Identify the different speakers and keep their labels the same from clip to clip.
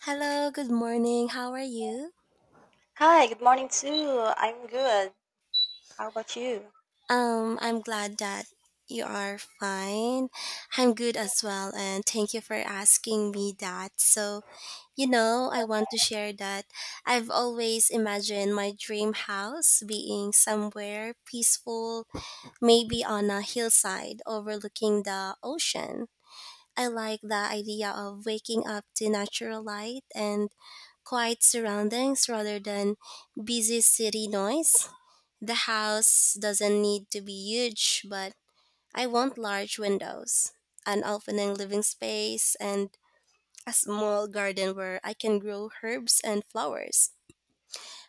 Speaker 1: Hello, good morning. How are you?
Speaker 2: Hi, good morning too. I'm good. How about you?
Speaker 1: I'm glad that you are fine. I'm good as well, and thank you for asking me that. I want to share that I've always imagined my dream house being somewhere peaceful, maybe on a hillside overlooking the ocean. I like the idea of waking up to natural light and quiet surroundings rather than busy city noise. The house doesn't need to be huge, but I want large windows, an opening living space, and a small garden where I can grow herbs and flowers.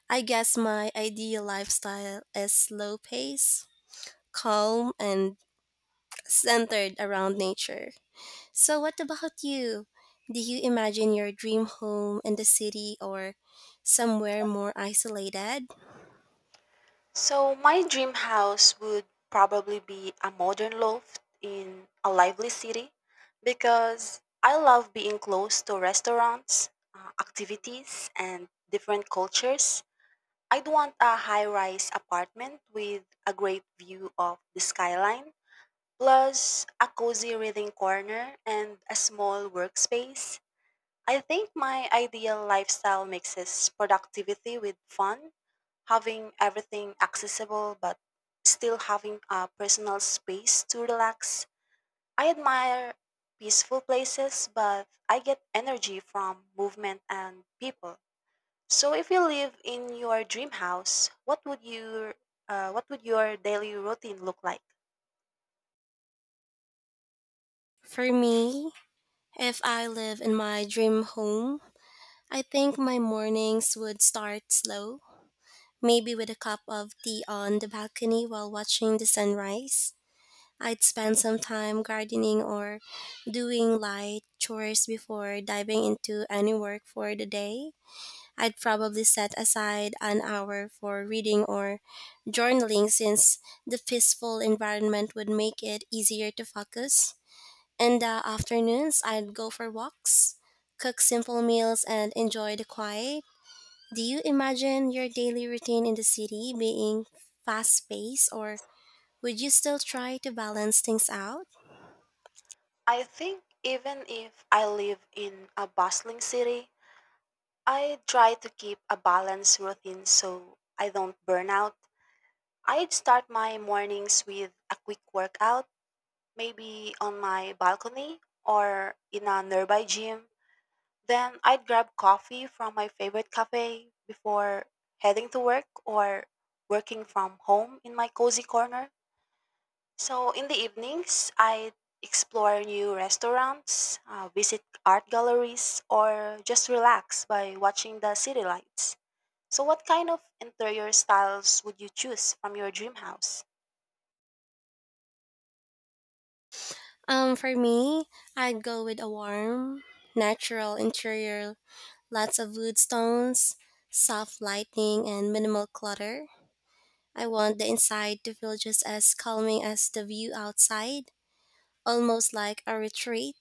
Speaker 1: I guess my ideal lifestyle is slow pace, calm, and centered around nature. So, what about you? Do you imagine your dream home in the city or somewhere more isolated?
Speaker 2: So, my dream house would probably be a modern loft in a lively city because I love being close to restaurants, activities, and different cultures. I'd want a high rise apartment with a great view of the skyline, plus a cozy reading corner and a small workspace. I think my ideal lifestyle mixes productivity with fun, having everything accessible but still having a personal space to relax. I admire peaceful places, but I get energy from movement and people. So if you live in your dream house, what would your daily routine look like?
Speaker 1: For me, if I live in my dream home, I think my mornings would start slow, maybe with a cup of tea on the balcony while watching the sunrise. I'd spend some time gardening or doing light chores before diving into any work for the day. I'd probably set aside an hour for reading or journaling since the peaceful environment would make it easier to focus. In the afternoons, I'd go for walks, cook simple meals, and enjoy the quiet. Do you imagine your daily routine in the city being fast paced or would you still try to balance things out?
Speaker 2: I think even if I live in a bustling city, I try to keep a balanced routine so I don't burn out. I'd start my mornings with a quick workout, maybe on my balcony or in a nearby gym. Then I'd grab coffee from my favorite cafe before heading to work or working from home in my cozy corner. So in the evenings, I explore new restaurants, visit art galleries, or just relax by watching the city lights. So, what kind of interior styles would you choose from your dream house?
Speaker 1: For me, I'd go with a warm, natural interior, lots of wood tones, soft lighting, and minimal clutter. I want the inside to feel just as calming as the view outside, almost like a retreat.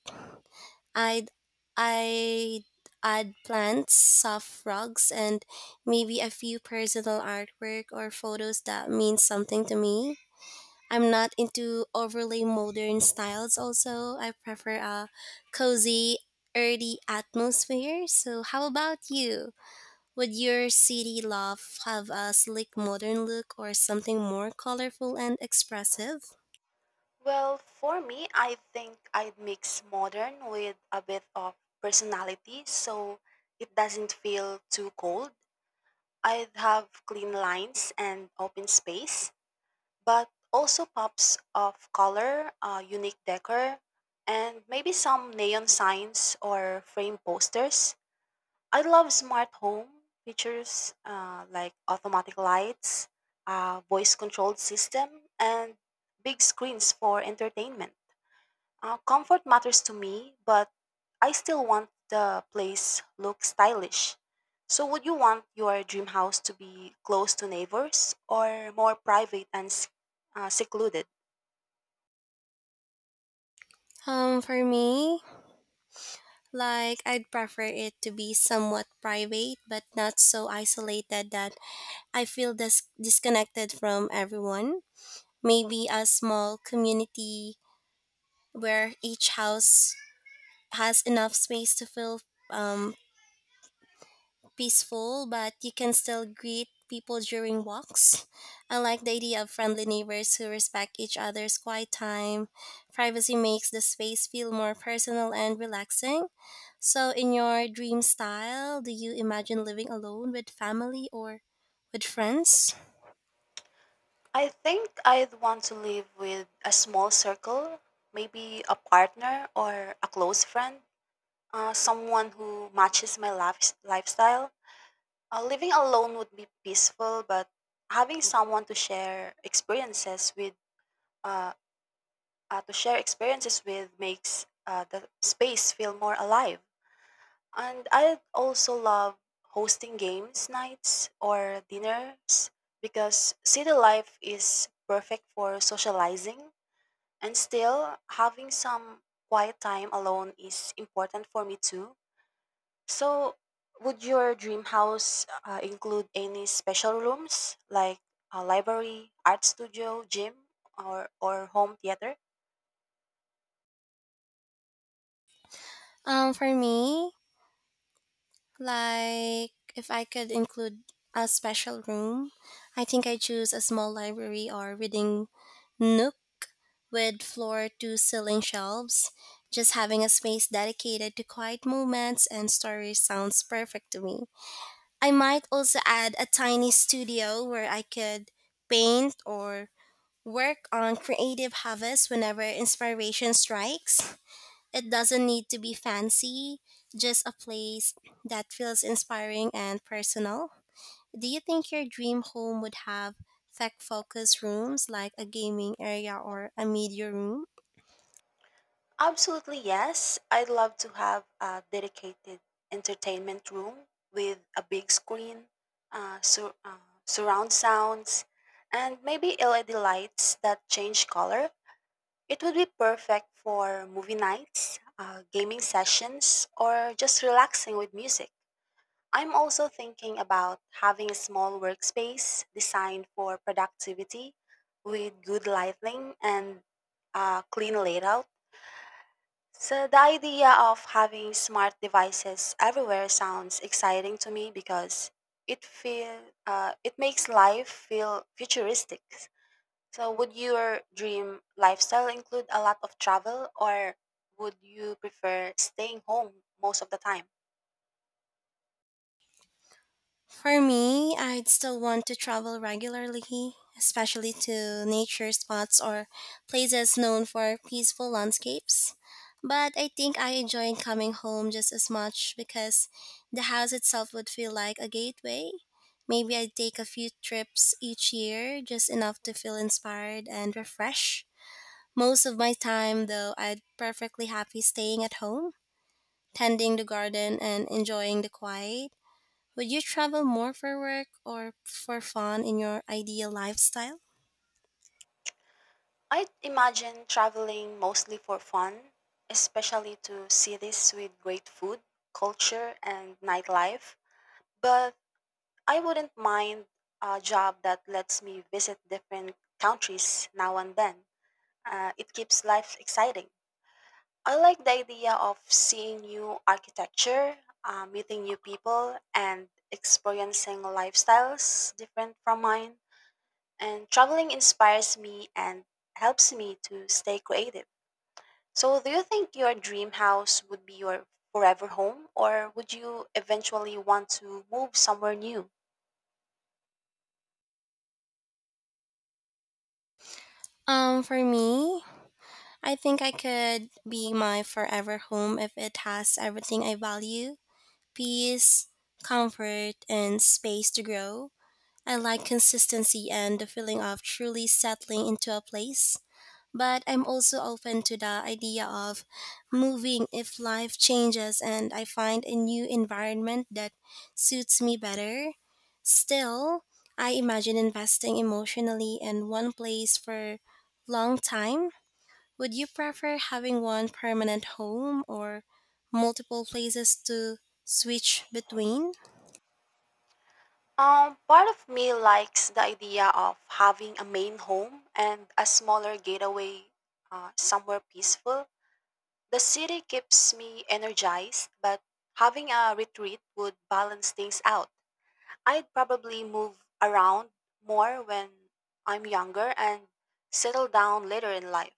Speaker 1: I'd I'd add plants, soft rugs, and maybe a few personal artwork or photos that mean something to me. I'm not into overly modern styles also. I prefer a cozy, earthy atmosphere. So how about you? Would your city loft have a sleek modern look or something more colorful and expressive?
Speaker 2: Well, for me, I think I'd mix modern with a bit of personality so it doesn't feel too cold. I'd have clean lines and open space, but also pops of color, unique decor, and maybe some neon signs or frame posters. I love smart home features like automatic lights, voice controlled system, and big screens for entertainment. Comfort matters to me, but I still want the place look stylish. So would you want your dream house to be close to neighbors or more private and secluded?
Speaker 1: Um for me, I'd prefer it to be somewhat private, but not so isolated that I feel disconnected from everyone. Maybe a small community where each house has enough space to feel um, peaceful, but you can still greet people during walks. I like the idea of friendly neighbors who respect each other's quiet time. Privacy makes the space feel more personal and relaxing. So, in your dream style, do you imagine living alone with family or with friends?
Speaker 2: I think I'd want to live with a small circle, maybe a partner or a close friend. Someone who matches my lifestyle. Living alone would be peaceful, but having someone to share experiences with, uh, makes the space feel more alive. And I also love hosting games nights or dinners because city life is perfect for socializing, and still having some quiet time alone is important for me too. So, would your dream house include any special rooms like a library, art studio, gym, or home theater?
Speaker 1: Um, for me, if I could include a special room, I think I choose a small library or reading nook with floor to ceiling shelves. Just having a space dedicated to quiet moments and stories sounds perfect to me. I might also add a tiny studio where I could paint or work on creative hobbies whenever inspiration strikes. It doesn't need to be fancy, just a place that feels inspiring and personal. Do you think your dream home would have tech focused rooms like a gaming area or a media room?
Speaker 2: Absolutely, yes. I'd love to have a dedicated entertainment room with a big screen, surround sounds, and maybe LED lights that change color. It would be perfect for movie nights, gaming sessions, or just relaxing with music. I'm also thinking about having a small workspace designed for productivity with good lighting and a clean layout. So, the idea of having smart devices everywhere sounds exciting to me because it feel it makes life feel futuristic. So, would your dream lifestyle include a lot of travel, or would you prefer staying home most of the time?
Speaker 1: For me, I'd still want to travel regularly, especially to nature spots or places known for peaceful landscapes. But I think I enjoy coming home just as much because the house itself would feel like a gateway. Maybe I'd take a few trips each year, just enough to feel inspired and refreshed. Most of my time, though, I'd perfectly happy staying at home, tending the garden and enjoying the quiet. Would you travel more for work or for fun in your ideal lifestyle?
Speaker 2: I'd imagine traveling mostly for fun, especially to cities with great food, culture, and nightlife. But I wouldn't mind a job that lets me visit different countries now and then. It keeps life exciting. I like the idea of seeing new architecture, meeting new people, and experiencing lifestyles different from mine. And traveling inspires me and helps me to stay creative. So, do you think your dream house would be your forever home, or would you eventually want to move somewhere new?
Speaker 1: Um, for me, I think I could be my forever home if it has everything I value: peace, comfort, and space to grow. I like consistency and the feeling of truly settling into a place. But I'm also open to the idea of moving if life changes and I find a new environment that suits me better. Still, I imagine investing emotionally in one place for long time. Would you prefer having one permanent home or multiple places to switch between?
Speaker 2: Part of me likes the idea of having a main home and a smaller gateway somewhere peaceful. The city keeps me energized, but having a retreat would balance things out. I'd probably move around more when I'm younger and settle down later in life.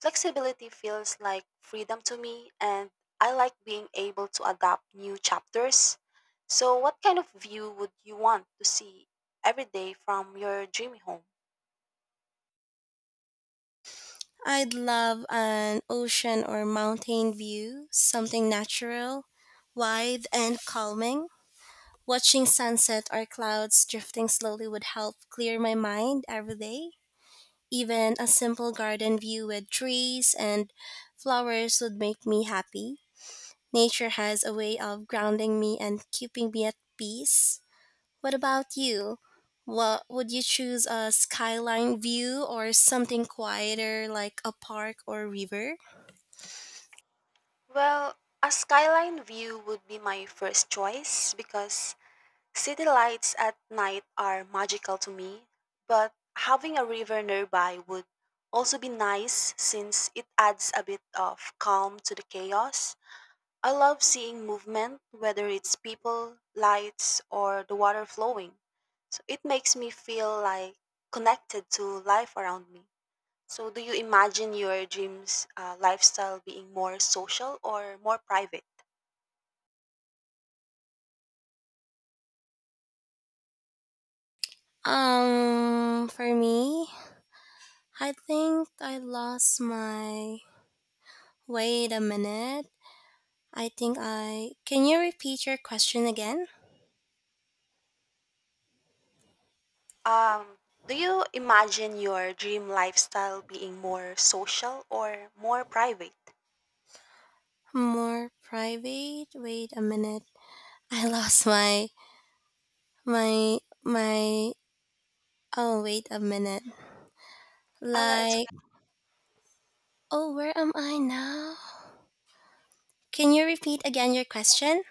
Speaker 2: Flexibility feels like freedom to me, and I like being able to adapt new chapters. So, what kind of view would you want to see every day from your dreamy home?
Speaker 1: I'd love an ocean or mountain view, something natural, wide, and calming. Watching sunset or clouds drifting slowly would help clear my mind every day. Even a simple garden view with trees and flowers would make me happy. Nature has a way of grounding me and keeping me at peace. What about you? What would you choose, a skyline view or something quieter like a park or river?
Speaker 2: Well, a skyline view would be my first choice because city lights at night are magical to me, but having a river nearby would also be nice since it adds a bit of calm to the chaos. I love seeing movement, whether it's people, lights, or the water flowing. So it makes me feel like connected to life around me. So, do you imagine your dreams lifestyle being more social or more private?
Speaker 1: Um, for me, I think I lost my. Wait a minute. I think I. Can you repeat your question again?
Speaker 2: Um, do you imagine your dream lifestyle being more social or more private?
Speaker 1: More private? Wait a minute. I lost my my. Oh, wait a minute.
Speaker 2: Ah, well, it's.
Speaker 1: Like, oh, where am I now? Can you repeat again your question?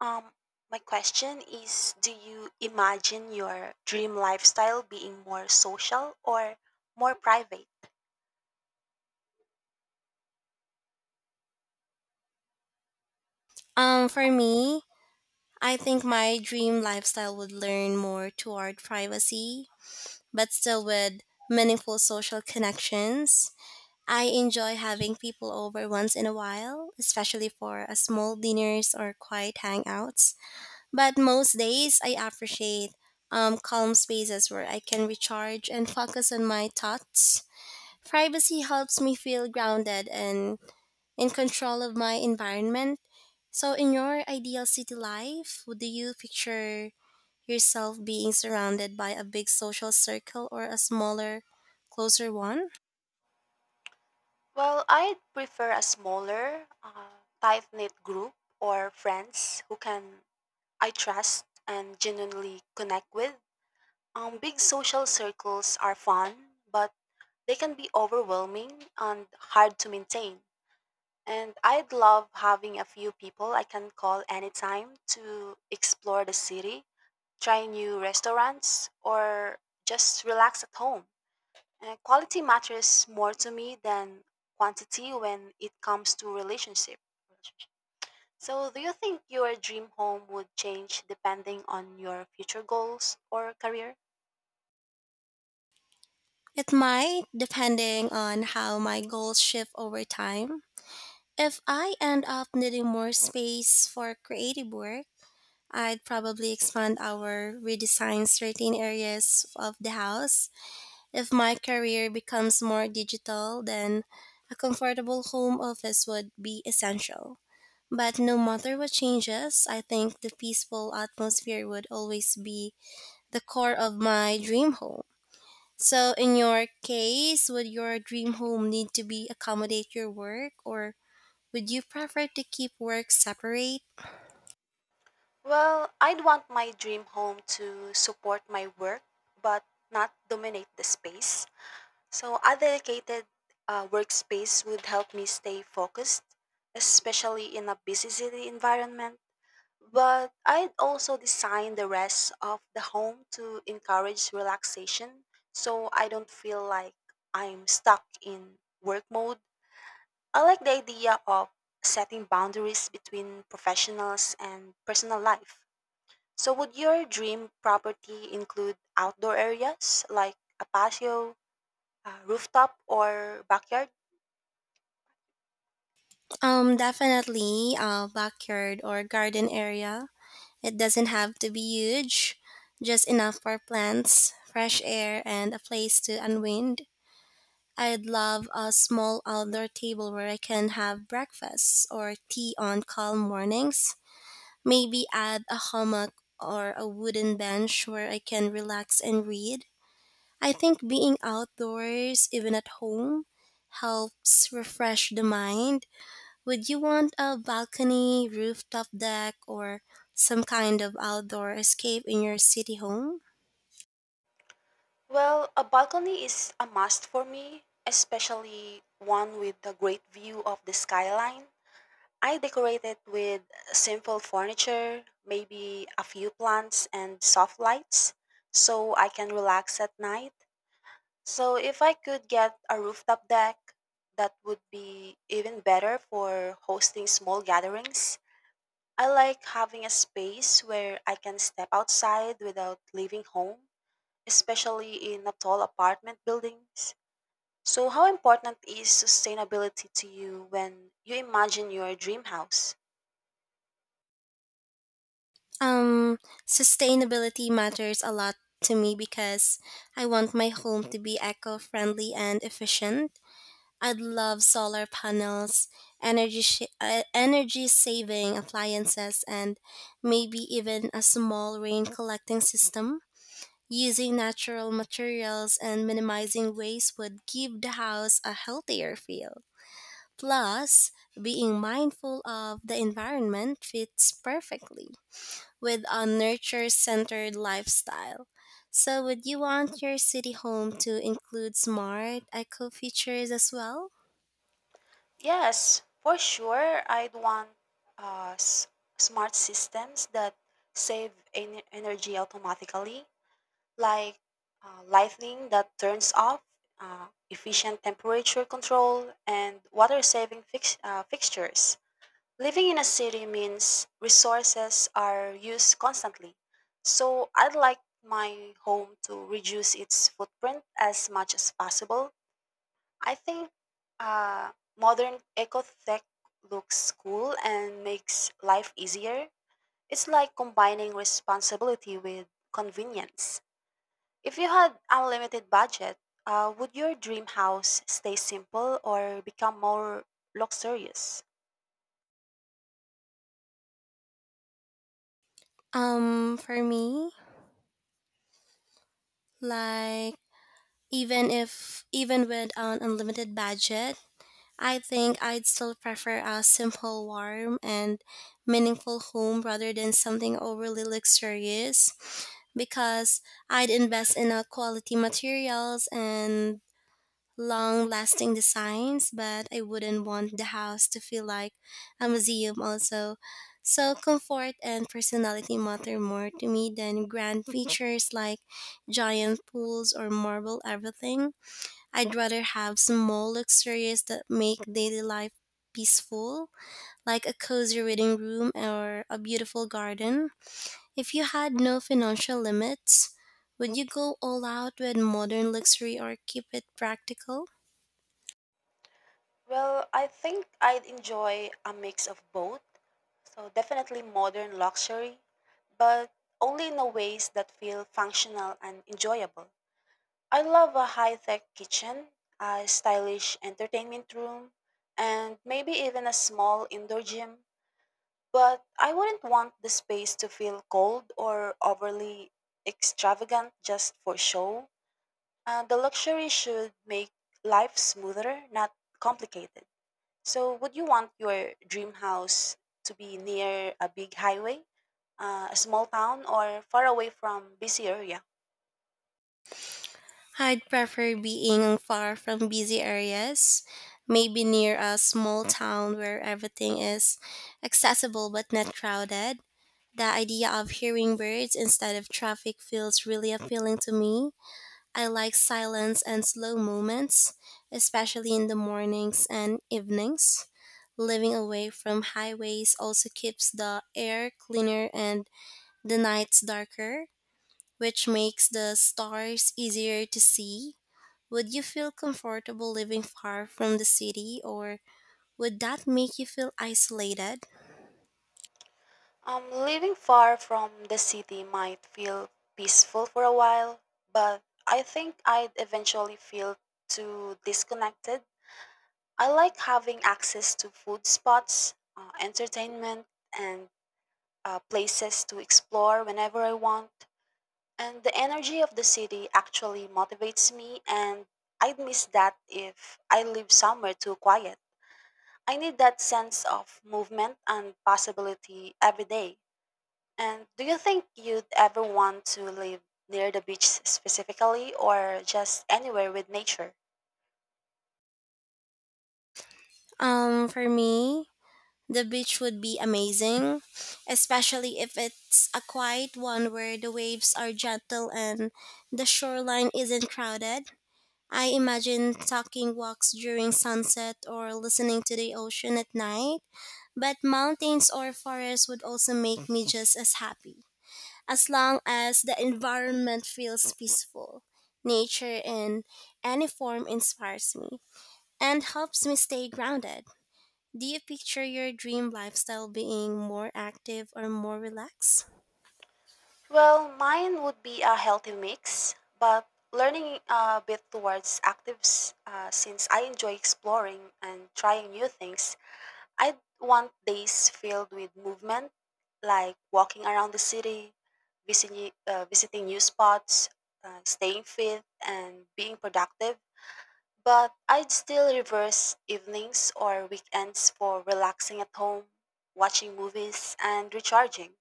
Speaker 2: Um, my question is, do you imagine your dream lifestyle being more social or more private?
Speaker 1: Um for me, I think my dream lifestyle would learn more toward privacy, but still with meaningful social connections. I enjoy having people over once in a while, especially for a small dinners or quiet hangouts. But most days, I appreciate calm spaces where I can recharge and focus on my thoughts. Privacy helps me feel grounded and in control of my environment. So, in your ideal city life, would you picture yourself being surrounded by a big social circle or a smaller, closer one?
Speaker 2: Well, I'd prefer a smaller, tight knit group or friends who can I trust and genuinely connect with. Big social circles are fun, but they can be overwhelming and hard to maintain. And I'd love having a few people I can call anytime to explore the city, try new restaurants, or just relax at home. Quality matters more to me than quantity when it comes to relationship. So, do you think your dream home would change depending on your future goals or career?
Speaker 1: It might, depending on how my goals shift over time. If I end up needing more space for creative work, I'd probably expand our redesign certain areas of the house. If my career becomes more digital, then a comfortable home office would be essential. But no matter what changes, I think the peaceful atmosphere would always be the core of my dream home. So, in your case, would your dream home need to be accommodate your work, or would you prefer to keep work separate?
Speaker 2: Well, I'd want my dream home to support my work but not dominate the space. So, a dedicated workspace would help me stay focused, especially in a busy city environment. But I'd also design the rest of the home to encourage relaxation so I don't feel like I'm stuck in work mode. I like the idea of setting boundaries between professionals and personal life. So, would your dream property include outdoor areas like a patio, rooftop or backyard?
Speaker 1: Definitely a backyard or garden area. It doesn't have to be huge, just enough for plants, fresh air, and a place to unwind. I'd love a small outdoor table where I can have breakfast or tea on calm mornings. Maybe add a hammock or a wooden bench where I can relax and read. I think being outdoors, even at home, helps refresh the mind. Would you want a balcony, rooftop deck, or some kind of outdoor escape in your city home?
Speaker 2: Well, a balcony is a must for me, especially one with a great view of the skyline. I decorate it with simple furniture, maybe a few plants and soft lights so I can relax at night. So if I could get a rooftop deck, that would be even better for hosting small gatherings. I like having a space where I can step outside without leaving home, especially in a tall apartment buildings. So, how important is sustainability to you when you imagine your dream house?
Speaker 1: Um, Sustainability matters a lot to me because I want my home to be eco friendly and efficient. I love solar panels, energy saving appliances, and maybe even a small rain collecting system. Using natural materials and minimizing waste would give the house a healthier feel. Plus, being mindful of the environment fits perfectly with a nurture centered lifestyle. So, would you want your city home to include smart eco features as well?
Speaker 2: Yes, for sure, I'd want uh, s- smart systems that save energy automatically, like lighting that turns off, efficient temperature control, and water saving fixtures. Living in a city means resources are used constantly, so I'd like my home to reduce its footprint as much as possible. I think uh, modern eco-tech looks cool and makes life easier. It's like combining responsibility with convenience. If you had unlimited budget, would your dream house stay simple or become more luxurious?
Speaker 1: For me, like Even if even with an unlimited budget, I think I'd still prefer a simple, warm, and meaningful home rather than something overly luxurious, because I'd invest in a quality materials and long lasting designs, but I wouldn't want the house to feel like a museum, also. So, comfort and personality matter more to me than grand features like giant pools or marble everything. I'd rather have small luxuries that make daily life peaceful, like a cozy reading room or a beautiful garden. If you had no financial limits, would you go all out with modern luxury or keep it practical?
Speaker 2: Well, I think I'd enjoy a mix of both. So definitely modern luxury, but only in a ways that feel functional and enjoyable. I love a high-tech kitchen, a stylish entertainment room, and maybe even a small indoor gym, but I wouldn't want the space to feel cold or overly extravagant just for show. The luxury should make life smoother, not complicated. So, would you want your dream house to be near a big highway, a small town, or far away from busy area?
Speaker 1: I'd prefer being far from busy areas, maybe near a small town where everything is accessible but not crowded. The idea of hearing birds instead of traffic feels really appealing to me. I like silence and slow moments, especially in the mornings and evenings. Living away from highways also keeps the air cleaner and the nights darker, which makes the stars easier to see. Would you feel comfortable living far from the city or would that make you feel isolated?
Speaker 2: Living far from the city might feel peaceful for a while, but I think I'd eventually feel too disconnected. I like having access to food spots, entertainment, and places to explore whenever I want. And the energy of the city actually motivates me, and I'd miss that if I live somewhere too quiet. I need that sense of movement and possibility every day. And do you think you'd ever want to live near the beach specifically or just anywhere with nature?
Speaker 1: Um for me, the beach would be amazing, especially if it's a quiet one where the waves are gentle and the shoreline isn't crowded. I imagine taking walks during sunset or listening to the ocean at night, but mountains or forests would also make me just as happy, as long as the environment feels peaceful. Nature in any form inspires me and helps me stay grounded. Do you picture your dream lifestyle being more active or more relaxed?
Speaker 2: Well, mine would be a healthy mix, but learning a bit towards actives since I enjoy exploring and trying new things. I'd want days filled with movement, like walking around the city, visiting new spots, staying fit, and being productive. But I'd still reverse evenings or weekends for relaxing at home, watching movies, and recharging.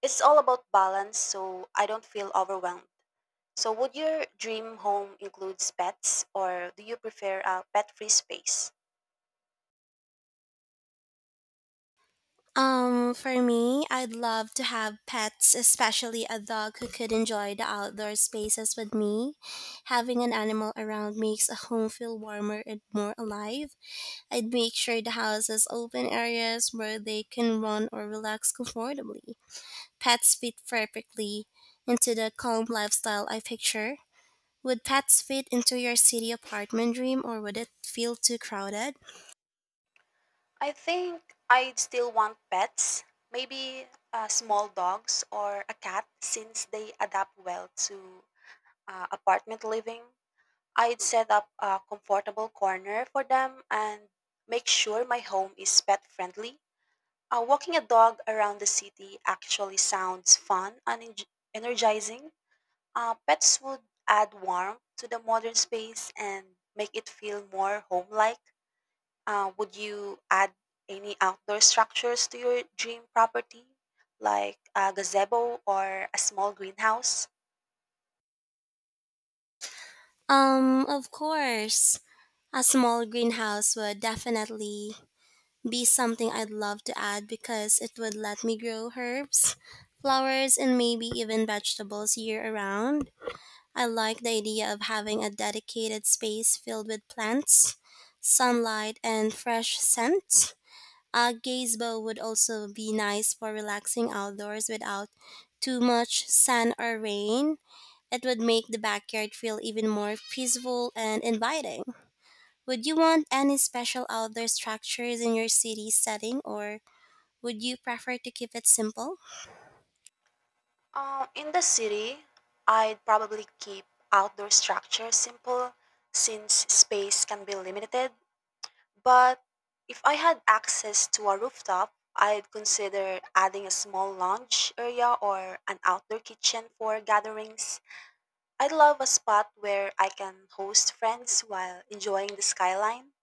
Speaker 2: It's all about balance, so I don't feel overwhelmed. So, would your dream home include pets, or do you prefer a pet free space?
Speaker 1: I'd love to have pets, especially a dog who could enjoy the outdoor spaces with me. Having an animal around makes a home feel warmer and more alive. I'd make sure the house has open areas where they can run or relax comfortably. Pets fit perfectly into the calm lifestyle I picture. Would pets fit into your city apartment dream or would it feel too crowded?
Speaker 2: I think I'd still want pets, maybe small dogs or a cat since they adapt well to apartment living. I'd set up a comfortable corner for them and make sure my home is pet friendly. Walking a dog around the city actually sounds fun and energizing. Pets would add warmth to the modern space and make it feel more home like. Would you add any outdoor structures to your dream property, like a gazebo or a small greenhouse?
Speaker 1: Of course. A small greenhouse would definitely be something I'd love to add because it would let me grow herbs, flowers, and maybe even vegetables year around. I like the idea of having a dedicated space filled with plants, sunlight, and fresh scents. A gazebo would also be nice for relaxing outdoors without too much sun or rain. It would make the backyard feel even more peaceful and inviting. Would you want any special outdoor structures in your city setting or would you prefer to keep it simple?
Speaker 2: In the city, I'd probably keep outdoor structures simple since space can be limited. But if I had access to a rooftop, I'd consider adding a small lounge area or an outdoor kitchen for gatherings. I'd love a spot where I can host friends while enjoying the skyline.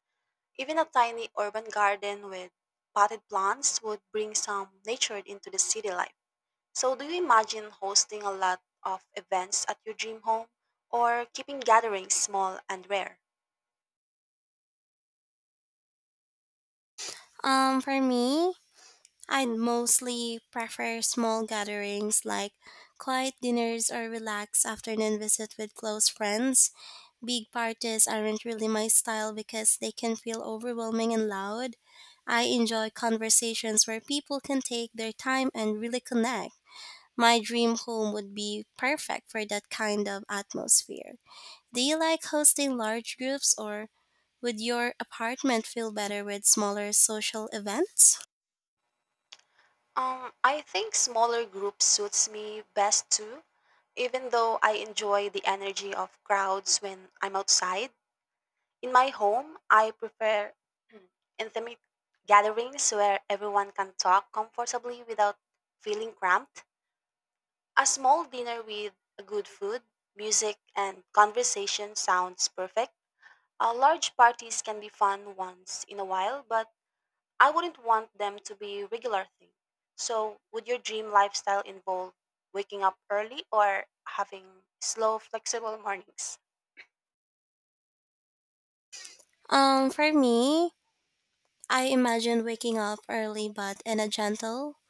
Speaker 2: Even a tiny urban garden with potted plants would bring some nature into the city life. So, do you imagine hosting a lot of events at your dream home or keeping gatherings small and rare?
Speaker 1: Um, for me, I mostly prefer small gatherings like quiet dinners or relaxed afternoon visit with close friends. Big parties aren't really my style because they can feel overwhelming and loud. I enjoy conversations where people can take their time and really connect. My dream home would be perfect for that kind of atmosphere. Do you like hosting large groups or would your apartment feel better with smaller social events?
Speaker 2: I think smaller groups suits me best too, even though I enjoy the energy of crowds when I'm outside. In my home, I prefer intimate gatherings where everyone can talk comfortably without feeling cramped. A small dinner with good food, music, and conversation sounds perfect. Large parties can be fun once in a while, but I wouldn't want them to be a regular thing. So, would your dream lifestyle involve waking up early or having slow, flexible mornings?
Speaker 1: Um, for me, I imagine waking up early but in a gentle,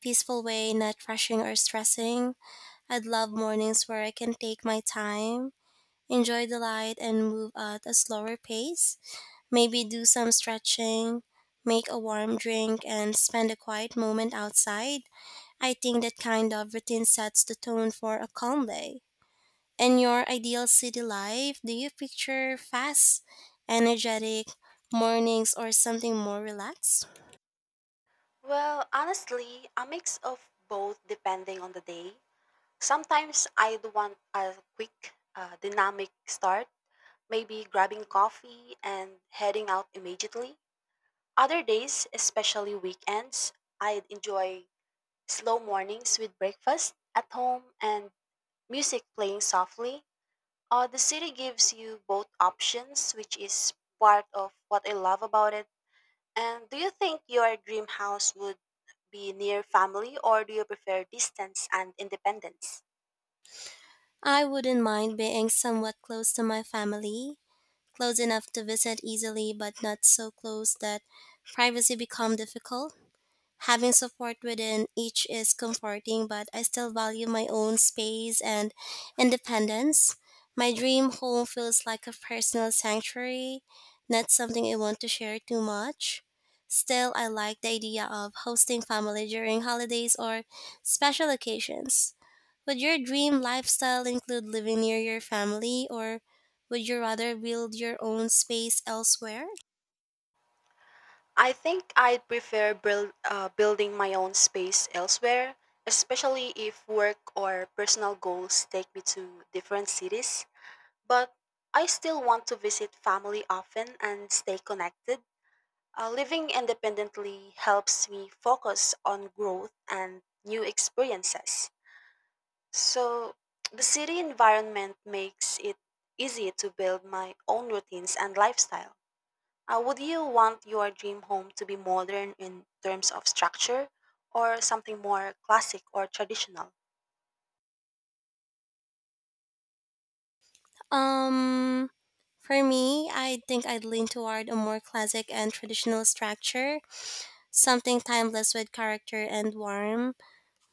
Speaker 1: peaceful way, not rushing or stressing. I'd love mornings where I can take my time, enjoy the light, and move at a slower pace. Maybe do some stretching, make a warm drink, and spend a quiet moment outside. I think that kind of routine sets the tone for a calm day. In your ideal city life, do you picture fast, energetic mornings or something more relaxed?
Speaker 2: Well, honestly, a mix of both depending on the day. Sometimes I'd want a quick, dynamic start, maybe grabbing coffee and heading out immediately. Other days, especially weekends, I'd enjoy slow mornings with breakfast at home and music playing softly. The city gives you both options, which is part of what I love about it. And do you think your dream house would be near family or do you prefer distance and independence?
Speaker 1: I wouldn't mind being somewhat close to my family, close enough to visit easily, but not so close that privacy become difficult. Having support within each is comforting, but I still value my own space and independence. My dream home feels like a personal sanctuary, not something I want to share too much. Still, I like the idea of hosting family during holidays or special occasions. Would your dream lifestyle include living near your family, or would you rather build your own space elsewhere?
Speaker 2: I think I'd prefer building my own space elsewhere, especially if work or personal goals take me to different cities. But I still want to visit family often and stay connected. Living independently helps me focus on growth and new experiences. So, the city environment makes it easy to build my own routines and lifestyle. Would you want your dream home to be modern in terms of structure or something more classic or traditional?
Speaker 1: Um, I think I'd lean toward a more classic and traditional structure, something timeless with character and warmth.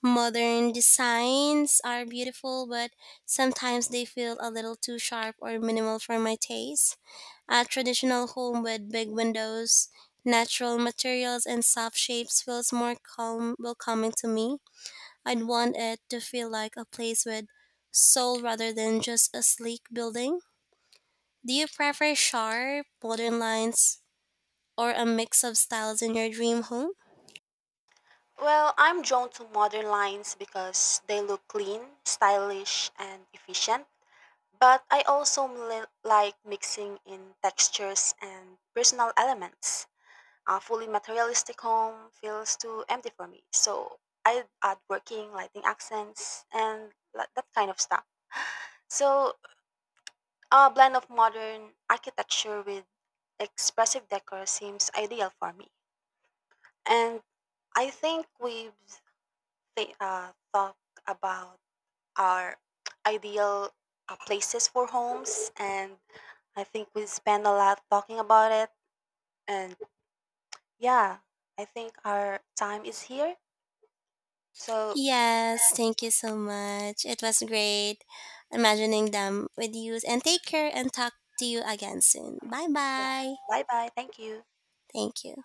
Speaker 1: Modern designs are beautiful, but sometimes they feel a little too sharp or minimal for my taste. A traditional home with big windows, natural materials, and soft shapes feels more calm, welcoming to me. I'd want it to feel like a place with soul rather than just a sleek building. Do you prefer sharp, modern lines, or a mix of styles in your dream home?
Speaker 2: Well, I'm drawn to modern lines because they look clean, stylish, and efficient. But I also like mixing in textures and personal elements. A fully materialistic home feels too empty for me, so I add working, lighting accents, and that kind of stuff. So a blend of modern architecture with expressive decor seems ideal for me. And I think we've talked about our ideal places for homes and I think we spend a lot talking about it, and yeah, I think our time is here. So,
Speaker 1: Yes, thank you so much. It was great imagining them with you. And take care and talk to you again soon. Bye
Speaker 2: yeah,
Speaker 1: bye.
Speaker 2: bye bye. Thank you.
Speaker 1: Thank you.